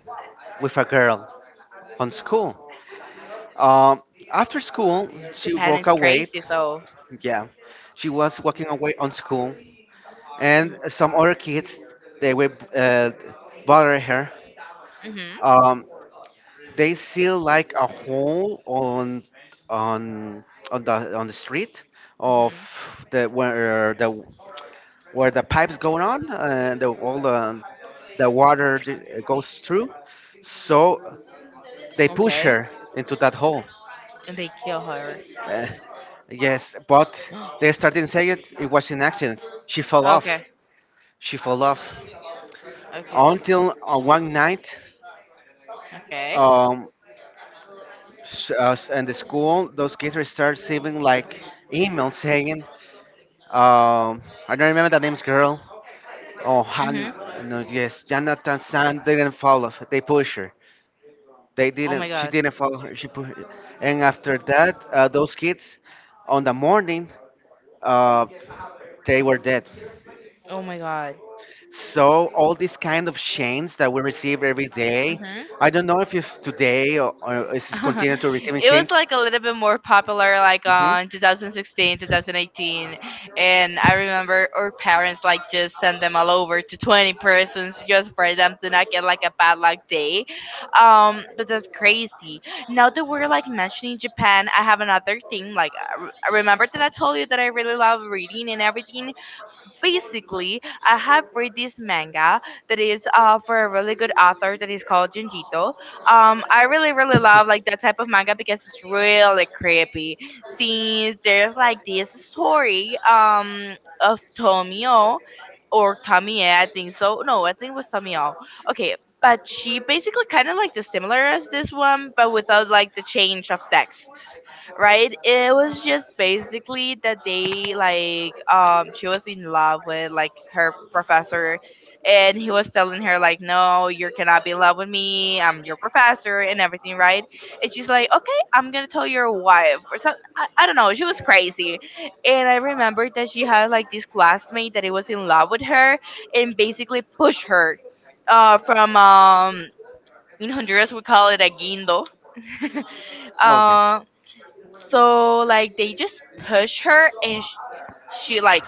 [SPEAKER 2] with a girl on school, um, after school she
[SPEAKER 1] Japan
[SPEAKER 2] walked
[SPEAKER 1] is
[SPEAKER 2] away.
[SPEAKER 1] crazy though.
[SPEAKER 2] Yeah, she was walking away on school, and some other kids they were uh, bother her.
[SPEAKER 1] Mhm.
[SPEAKER 2] Um, they see like a hole on on the on the street of
[SPEAKER 1] Mhm.
[SPEAKER 2] the where the pipes going on and all the water goes through. So they push
[SPEAKER 1] Okay.
[SPEAKER 2] her into that hole.
[SPEAKER 1] And they kill her. *gasps*
[SPEAKER 2] Uh, yes, but they started saying it was an accident. She fell
[SPEAKER 1] Okay.
[SPEAKER 2] off. She fell off.
[SPEAKER 1] Okay.
[SPEAKER 2] Until one night,
[SPEAKER 1] Okay.
[SPEAKER 2] um, in the school, those kids were start receiving like emails saying, um, I don't remember the name's girl. Oh, Han,
[SPEAKER 1] Mhm.
[SPEAKER 2] no, yes, Jonathan San didn't follow. They push her. They
[SPEAKER 1] Oh my
[SPEAKER 2] didn't. She
[SPEAKER 1] god.
[SPEAKER 2] didn't follow her. She pushed. And after that, those kids, on the morning, uh, they were dead.
[SPEAKER 1] Oh my god.
[SPEAKER 2] So all these kind of chains that we receive every day,
[SPEAKER 1] Hmm.
[SPEAKER 2] I don't know if it's today or is
[SPEAKER 1] *laughs*
[SPEAKER 2] this continued to receiving
[SPEAKER 1] It was
[SPEAKER 2] chains.
[SPEAKER 1] like a little bit more popular, like
[SPEAKER 2] Hmm.
[SPEAKER 1] on 2016 2018, and I remember our parents like just sent them all over to 20 persons just for them to not get like a bad luck day. But that's crazy. Now that we're like mentioning Japan, I have another thing, like I remember that I told you that I really love reading and everything, basically. I have read this manga that is for a really good author that is called Junjito. I really really love like that type of manga because it's really creepy. Since there's like this story of Tomio or Tamie, I think so. No, I think it was Tamio. Okay, but she basically kind of like the similar as this one, but without like the change of text, right? It was just basically that they like she was in love with like her professor, and he was telling her like, "No, you cannot be in love with me, I'm your professor," and everything, right? And she's like, "Okay, I'm gonna tell your wife," or something. I don't know, she was crazy. And I remember that she had like this classmate that he was in love with her, and basically pushed her from in Honduras we call it a guindo. *laughs*
[SPEAKER 2] Okay.
[SPEAKER 1] uh so like they just pushed her and she like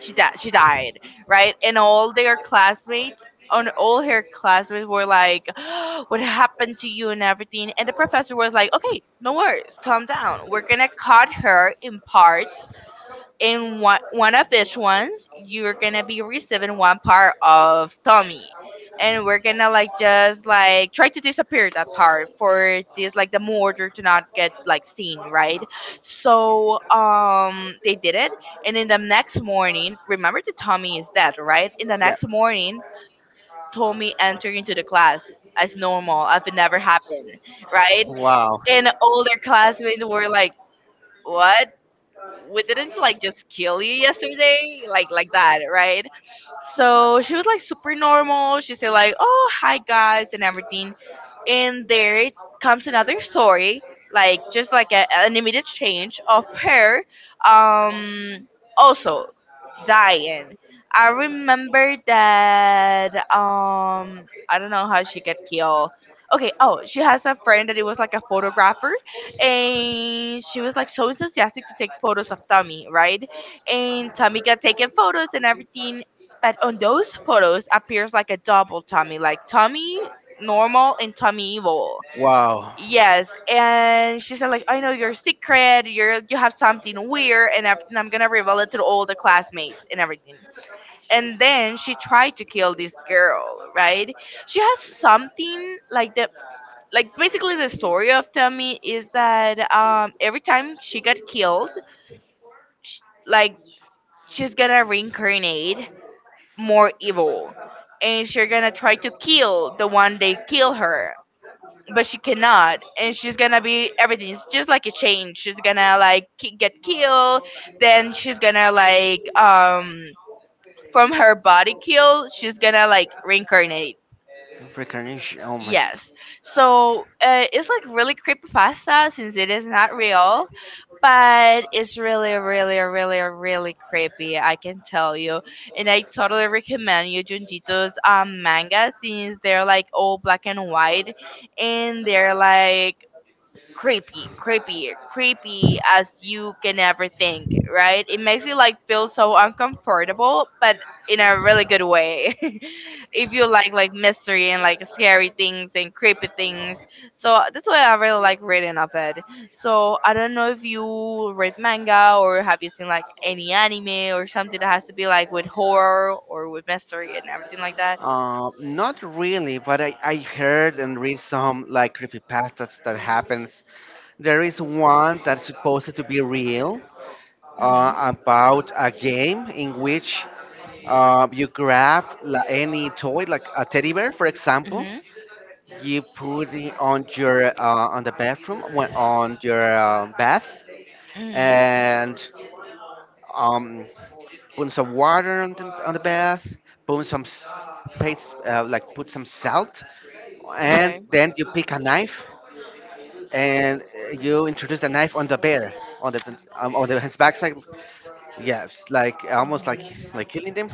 [SPEAKER 1] she died, right? And all her classmates were like, *gasps* "What happened to you?" and everything. And the professor was like, "Okay, no worries, calm down, we're gonna cut her in parts. In one of each ones you're gonna be receiving one part of Tommy, and we're gonna like just like try to disappear that part for this like the murder to not get like seen, right?" So they did it. And in the next morning, remember that Tommy is dead, right? In the
[SPEAKER 2] Yeah.
[SPEAKER 1] next morning Tommy entered into the class as normal as it never happened, right?
[SPEAKER 2] Wow.
[SPEAKER 1] And older classmates were like, "What? We didn't like just kill you yesterday like that, right?" So she was like super normal, she said like, "Oh, hi guys," and everything. And there it comes another story, like just like an immediate change of her um also dying. I remember that I don't know how she got killed. Okay, oh, she has a friend that it was like a photographer, and she was like so enthusiastic to take photos of Tommy, right? And Tommy got taking photos and everything, but on those photos appears like a double Tommy, like Tommy normal and Tommy evil.
[SPEAKER 2] Wow.
[SPEAKER 1] Yes, and she said like, "I know your secret. You have something weird, and, I and I'm gonna reveal it to all the classmates and everything." And then she tried to kill this girl, right? She has something like the like basically the story of Tommy is that every time she got killed, sh like she's gonna reincarnate more evil, and she's gonna try to kill the one they kill her, but she cannot. And she's gonna be everything, it's just like a chain. She's gonna like get killed, then she's gonna like from her body kill she's gonna like reincarnate.
[SPEAKER 2] Reincarnation. Oh my.
[SPEAKER 1] Yes, so it's like really creepy pasta since it is not real, but it's really really really really creepy, I can tell you. And I totally recommend you Junjito's manga, since they're like all black and white, and they're like creepy, creepy, creepy as you can ever think, right? It makes you like feel so uncomfortable, but in a really good way. *laughs* If you like mystery and like scary things and creepy things. So that's why I really like reading of it. So I don't know if you read manga, or have you seen like any anime or something that has to be like with horror or with mystery and everything like that?
[SPEAKER 2] Not really, but I heard and read some like creepypastas that happens. There is one that's supposed to be real,
[SPEAKER 1] Mhm.
[SPEAKER 2] about a game in which you grab any toy, like a teddy bear, for example, you put it on your on the bathroom when
[SPEAKER 1] Mhm.
[SPEAKER 2] on your bath,
[SPEAKER 1] Mhm.
[SPEAKER 2] and um, put some water on on the bath, put some paste, like put some salt, and
[SPEAKER 1] Okay.
[SPEAKER 2] then you pick a knife, and you introduce the knife on the bear on the on the his backside, yes like almost
[SPEAKER 1] Mhm.
[SPEAKER 2] like killing them,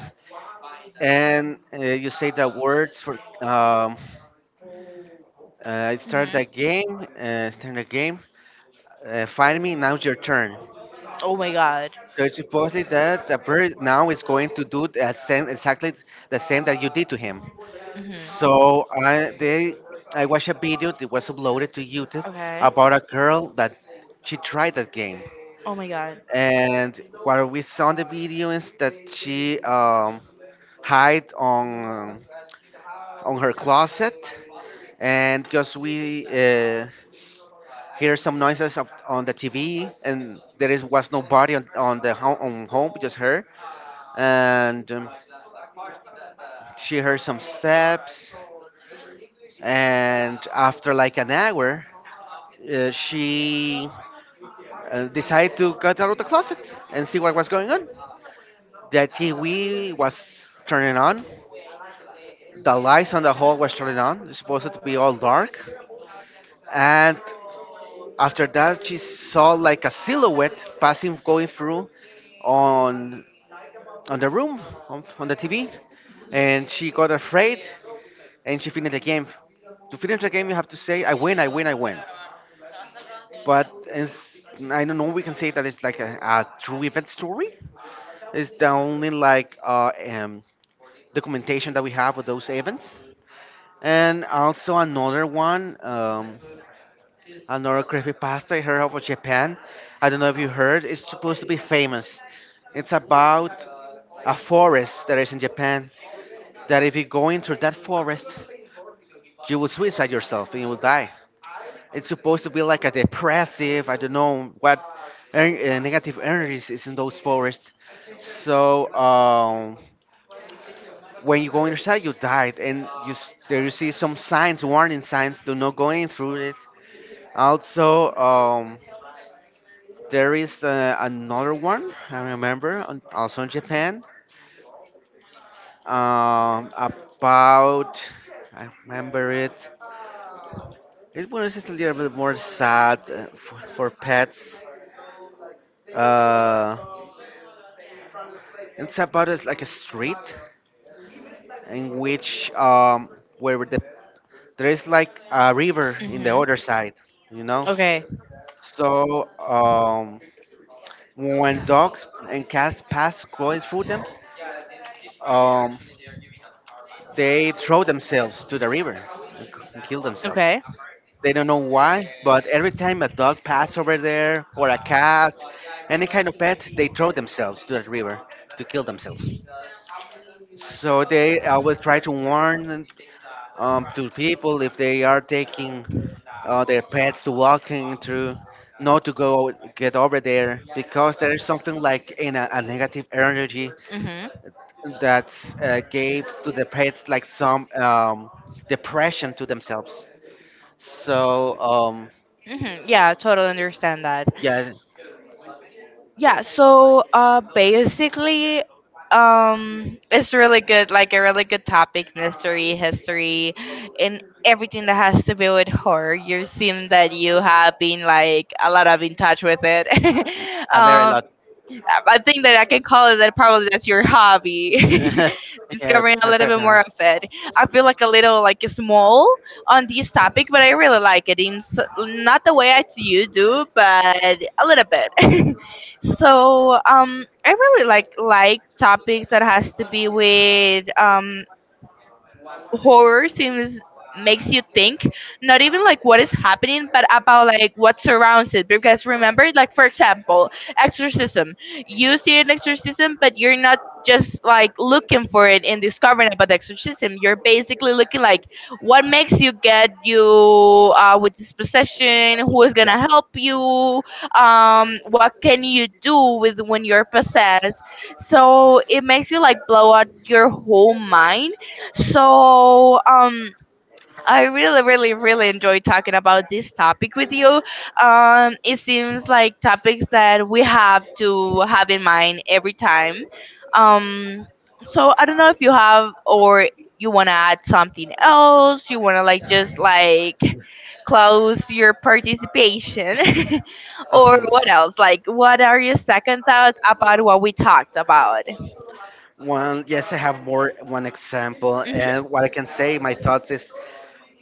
[SPEAKER 2] and you say the words for um, start
[SPEAKER 1] Mhm.
[SPEAKER 2] the game, start the game, find me now's your turn.
[SPEAKER 1] Oh my god.
[SPEAKER 2] So it's supposedly that the bird now is going to do the same exactly the same that you did to him.
[SPEAKER 1] Mhm.
[SPEAKER 2] So I watched a video that was uploaded to youtube
[SPEAKER 1] Okay.
[SPEAKER 2] about a girl that she tried that game,
[SPEAKER 1] Oh my god.
[SPEAKER 2] and what we saw in the video is that she hide on her closet, and because we hear some noises up on the TV, and there is was nobody on the home, on home, just her. And she heard some steps, and after like an hour, she decided to get out of the closet and see what was going on. The TV was turning on, the lights on the hall was turning on. It's supposed to be all dark, and after that, she saw like a silhouette passing, going through on on the room on the TV, and she got afraid and she finished the game. To finish the game, you have to say, "I win, I win, I win." But I don't know. We can say that it's like a true event story. It's the only like documentation that we have of those events. And also another one, another creepy pasta I heard of Japan. I don't know if you heard. It's supposed to be famous. It's about a forest that is in Japan that if you go into that forest, you will suicide yourself and you will die. It's supposed to be like a depressive, I don't know what negative energies is in those forests. So when you go inside, you died, and there you see some signs, warning signs, do not go in through it. Also, there is another one I remember, also in Japan, about I remember it. It was just a little bit more sad for pets. Uh, it's about it's like a street in which where the there is like a river in the
[SPEAKER 1] Mhm.
[SPEAKER 2] other side, you know.
[SPEAKER 1] Okay.
[SPEAKER 2] So when dogs and cats pass going through them, um, they throw themselves to the river and and kill themselves.
[SPEAKER 1] Okay.
[SPEAKER 2] They don't know why, but every time a dog passes over there or a cat, any kind of pet, they throw themselves to that river to kill themselves. So they always try to warn to people if they are taking their pets to walking through, not to go get over there because there is something like in a negative energy
[SPEAKER 1] Mm-hmm.
[SPEAKER 2] that gave to the pets like some depression to themselves. So
[SPEAKER 1] Mm-hmm. Yeah, totally understand that.
[SPEAKER 2] yeah,
[SPEAKER 1] Yeah, so basically it's really good, like a really good topic, mystery, history, and everything that has to do with horror. You seem that you have been like a lot of in touch with it. *laughs*
[SPEAKER 2] a very
[SPEAKER 1] um
[SPEAKER 2] lot.
[SPEAKER 1] I think that I can call it that probably that's your hobby,
[SPEAKER 2] *laughs*
[SPEAKER 1] *laughs*
[SPEAKER 2] Yeah,
[SPEAKER 1] discovering a
[SPEAKER 2] my
[SPEAKER 1] little bit more
[SPEAKER 2] favorite.
[SPEAKER 1] of it. I feel like a little like small on this topic, but I really like it in not the way I you do, but a little bit. *laughs* So I really like topics that has to be with horror. Seems makes you think not even like what is happening, but about like what surrounds it. Because remember, like for example exorcism, you see an exorcism but you're not just like looking for it and discovering about the exorcism, you're basically looking like what makes you get you with this possession, who is
[SPEAKER 2] Yeah.
[SPEAKER 1] gonna help
[SPEAKER 2] *laughs*
[SPEAKER 1] you, what can you do with when you're possessed. So it makes you like blow out your whole mind. So I really, really, really enjoy talking about this topic with you. It seems like topics that we have to have in mind every time. Um, so I don't know if you have, or you want to add something else. You want to like just like close your participation, *laughs* or
[SPEAKER 2] Um,
[SPEAKER 1] what else? Like, what are your second thoughts about what we talked about?
[SPEAKER 2] One, yes, I have more one example,
[SPEAKER 1] Mm-hmm.
[SPEAKER 2] and what I can say, my thoughts is,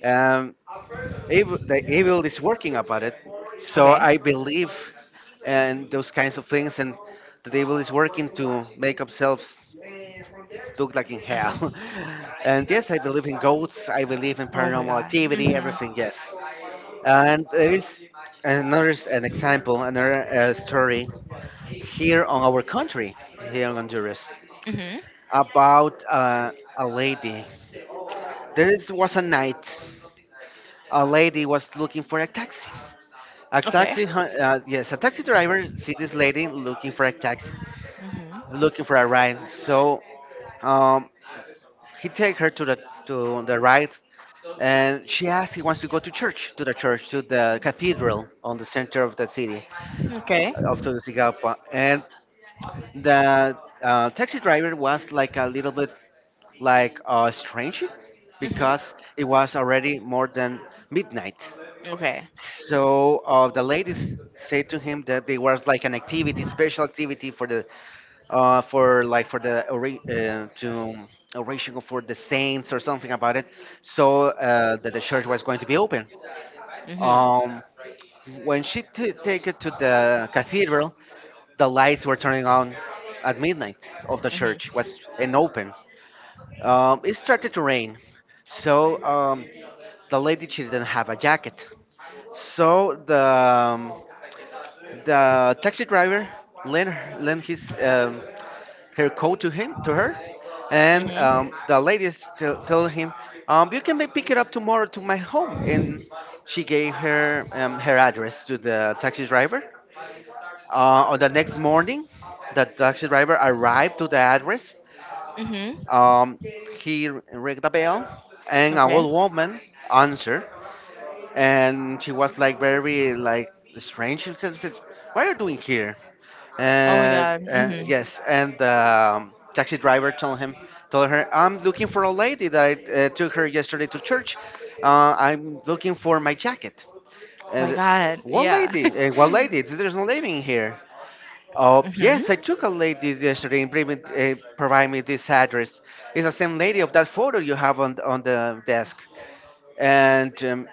[SPEAKER 2] um, evil, the evil is working about it. So
[SPEAKER 1] Okay.
[SPEAKER 2] I believe, and those kinds of things, and the devil is working to make themselves look like in hell.
[SPEAKER 1] Mhm.
[SPEAKER 2] *laughs* And yes, I believe in ghosts. I believe in
[SPEAKER 1] Oh my
[SPEAKER 2] paranormal
[SPEAKER 1] God.
[SPEAKER 2] activity.
[SPEAKER 1] Hmm
[SPEAKER 2] Everything, yes. And there is an example, another story here on our country, here in Honduras,
[SPEAKER 1] hmm
[SPEAKER 2] about a lady. Was a night, a lady was looking for a taxi. A
[SPEAKER 1] Okay.
[SPEAKER 2] taxi, yes, a taxi driver see this lady looking for a taxi,
[SPEAKER 1] hmm
[SPEAKER 2] looking for a ride. So um, he take her to the ride, and she asks he wants to go to church, to the cathedral on the center of the city,
[SPEAKER 1] Okay.
[SPEAKER 2] of Tegucigalpa. And the
[SPEAKER 1] Mhm.
[SPEAKER 2] taxi
[SPEAKER 1] Okay.
[SPEAKER 2] driver was like a little bit like strange because it was already more than midnight. So the ladies said to him that there was like an activity, special activity for the for like for the to oration for the saints or something about it, so that the church was going to be open.
[SPEAKER 1] Mhm.
[SPEAKER 2] Um, when she take it to the cathedral, the lights were turning on at midnight of the
[SPEAKER 1] Mhm. Mhm.
[SPEAKER 2] church was and open, it started to rain, so the lady she didn't have a jacket. So the taxi driver lent lent his her coat to him to her, and the lady still told him, "You can pick it up tomorrow to my home." And she gave her her address to the taxi driver. On the next morning, the taxi driver arrived to the address,
[SPEAKER 1] Mhm.
[SPEAKER 2] um, he rang the bell, and an
[SPEAKER 1] Okay.
[SPEAKER 2] old woman answered, and she was like very like strange. She said, "What are you doing here?"
[SPEAKER 1] Oh my god.
[SPEAKER 2] And
[SPEAKER 1] Mhm.
[SPEAKER 2] yes, and the taxi driver told him, told her, "I'm looking for a lady that I took her yesterday to church. I'm looking for my jacket."
[SPEAKER 1] Oh my
[SPEAKER 2] And
[SPEAKER 1] god.
[SPEAKER 2] what
[SPEAKER 1] Yeah.
[SPEAKER 2] lady? What
[SPEAKER 1] *laughs*
[SPEAKER 2] lady? There's no lady in here. Oh,
[SPEAKER 1] mhm.
[SPEAKER 2] yes, I took a lady yesterday and bring me, provide me this address. It's the same lady of that photo you have on the desk. And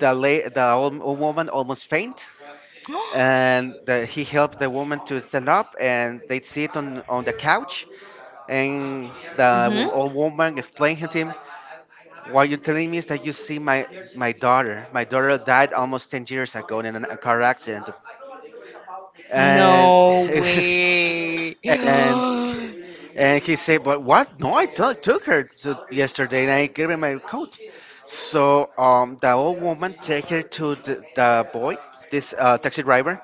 [SPEAKER 2] the, the old woman almost faint. And the, he helped the woman to stand up and they sit on the couch. And the
[SPEAKER 1] mhm. *gasps*
[SPEAKER 2] old woman explained to him, what you're telling me is that you see my, my daughter. My daughter died almost 10 years ago in a car accident. And
[SPEAKER 1] No way.
[SPEAKER 2] *laughs*
[SPEAKER 1] *gasps*
[SPEAKER 2] and and he said, "But what? No, I took her to yesterday, and I gave her my coat." So the old woman take her to the boy, this taxi driver,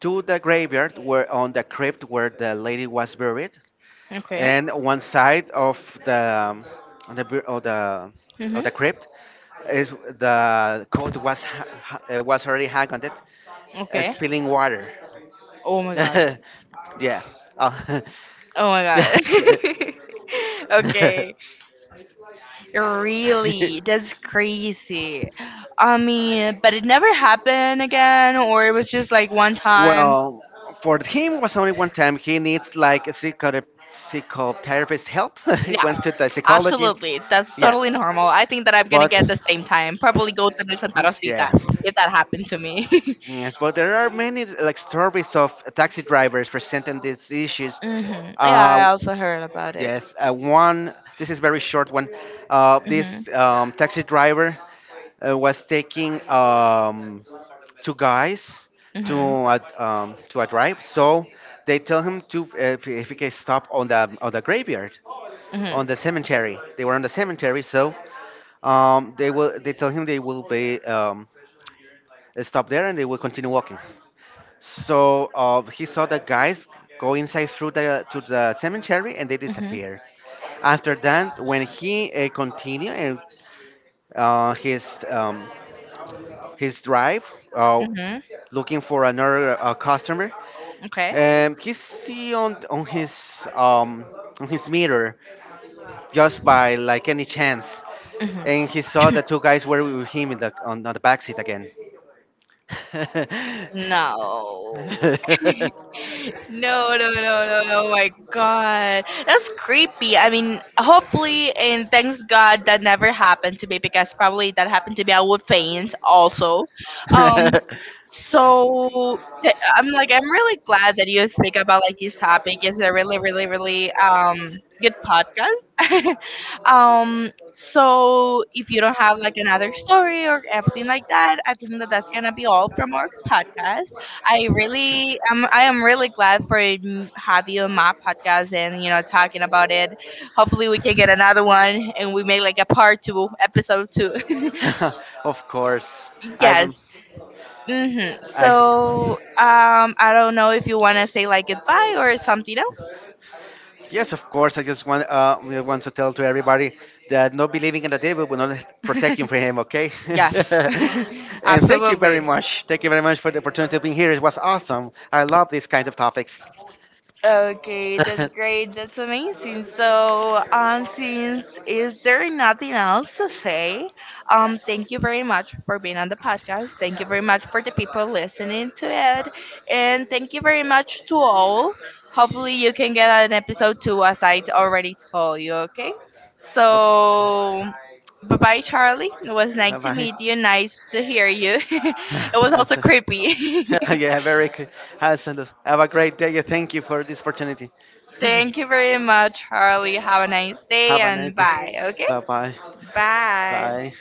[SPEAKER 2] to the graveyard where on the crypt where the lady was buried,
[SPEAKER 1] okay.
[SPEAKER 2] and one side of the um, on the of
[SPEAKER 1] Mm-hmm.
[SPEAKER 2] the crypt is the coat was was already hung on it,
[SPEAKER 1] Okay.
[SPEAKER 2] spilling water.
[SPEAKER 1] Oh my god.
[SPEAKER 2] *laughs* Yeah. Uh,
[SPEAKER 1] Oh my
[SPEAKER 2] *laughs* yeah. *laughs*
[SPEAKER 1] god. *laughs* okay.
[SPEAKER 2] *laughs*
[SPEAKER 1] Really? That's crazy. I mean, but it never happened again, or it was just like one time.
[SPEAKER 2] Well, for him was only one time. He needs like a psychotherapist help. *laughs* He
[SPEAKER 1] Yeah.
[SPEAKER 2] went to the psychologist.
[SPEAKER 1] Absolutely. That's
[SPEAKER 2] Yeah,
[SPEAKER 1] totally normal. I think that I'm gonna
[SPEAKER 2] but
[SPEAKER 1] get the same time. Probably go to the Santa Rosita
[SPEAKER 2] yeah,
[SPEAKER 1] if that happened to me. *laughs*
[SPEAKER 2] yes, but there are many like stories of taxi drivers presenting these issues.
[SPEAKER 1] hmm Yeah, I
[SPEAKER 2] Uh,
[SPEAKER 1] also heard about it.
[SPEAKER 2] yes, one. This is very short one.
[SPEAKER 1] Hmm
[SPEAKER 2] This taxi driver was taking two guys
[SPEAKER 1] hmm
[SPEAKER 2] to
[SPEAKER 1] hmm
[SPEAKER 2] to a drive. So they tell him to if he can stop on the graveyard, on the cemetery. They were on the cemetery, so they tell him they will be stop there and they will continue walking. So he saw the guys go inside through the to the cemetery and they
[SPEAKER 1] Mm-hmm.
[SPEAKER 2] disappeared. After that, when he continued and uh, his um, his drive, uh,
[SPEAKER 1] Mm-hmm.
[SPEAKER 2] looking for another customer,
[SPEAKER 1] Okay.
[SPEAKER 2] um, he see on his mirror just by like any chance,
[SPEAKER 1] hmm
[SPEAKER 2] and he saw the two guys were with him in the on the back seat again.
[SPEAKER 1] No. No, no, no, no, no, my God. That's creepy. I mean, hopefully, and thanks God that never happened to me, because probably if that happened to me, I would faint also. Um,
[SPEAKER 2] *laughs*
[SPEAKER 1] so I'm like I'm really glad that you speak about like this topic. It's a really, really, really good podcast. *laughs* So if you don't have like another story or everything like that, I think that that's gonna be all from our podcast. I really am. I am really glad for have you on my podcast and talking about it. Hopefully we can get another one and we make like a part two, episode two. *laughs*
[SPEAKER 2] *laughs* Of course, I've
[SPEAKER 1] Yes. hmm
[SPEAKER 2] I.
[SPEAKER 1] So I don't know if you want to say like goodbye or something else.
[SPEAKER 2] Yes, of course. I just want we want to tell to everybody that not believing in the devil will not protect you
[SPEAKER 1] *laughs*
[SPEAKER 2] from him. Okay.
[SPEAKER 1] Yes,
[SPEAKER 2] *laughs*
[SPEAKER 1] *laughs*
[SPEAKER 2] And thank you very
[SPEAKER 1] absolutely.
[SPEAKER 2] much. Thank you very much for the opportunity of being here. It was awesome. I love these kind of topics.
[SPEAKER 1] Okay, that's
[SPEAKER 2] *laughs*
[SPEAKER 1] great. That's amazing. So, since is there nothing else to say? Thank you very much for being on the podcast. Thank you very much for the people listening to it, and thank you very much to all. Hopefully, you can get an episode two, as I already told you. Okay, so bye bye, Charlie. It was
[SPEAKER 2] Bye
[SPEAKER 1] nice to
[SPEAKER 2] bye.
[SPEAKER 1] meet you.
[SPEAKER 2] *laughs*
[SPEAKER 1] Nice to hear you. *laughs* It was also
[SPEAKER 2] Yes.
[SPEAKER 1] creepy. *laughs*
[SPEAKER 2] *laughs* Yeah, very good. Awesome. Have a great day. Yeah, thank you for this opportunity. *laughs*
[SPEAKER 1] Thank you very much, Harley. Have a nice day
[SPEAKER 2] Have a nice
[SPEAKER 1] and
[SPEAKER 2] day.
[SPEAKER 1] bye. Okay?
[SPEAKER 2] Bye bye.
[SPEAKER 1] Bye.
[SPEAKER 2] Bye.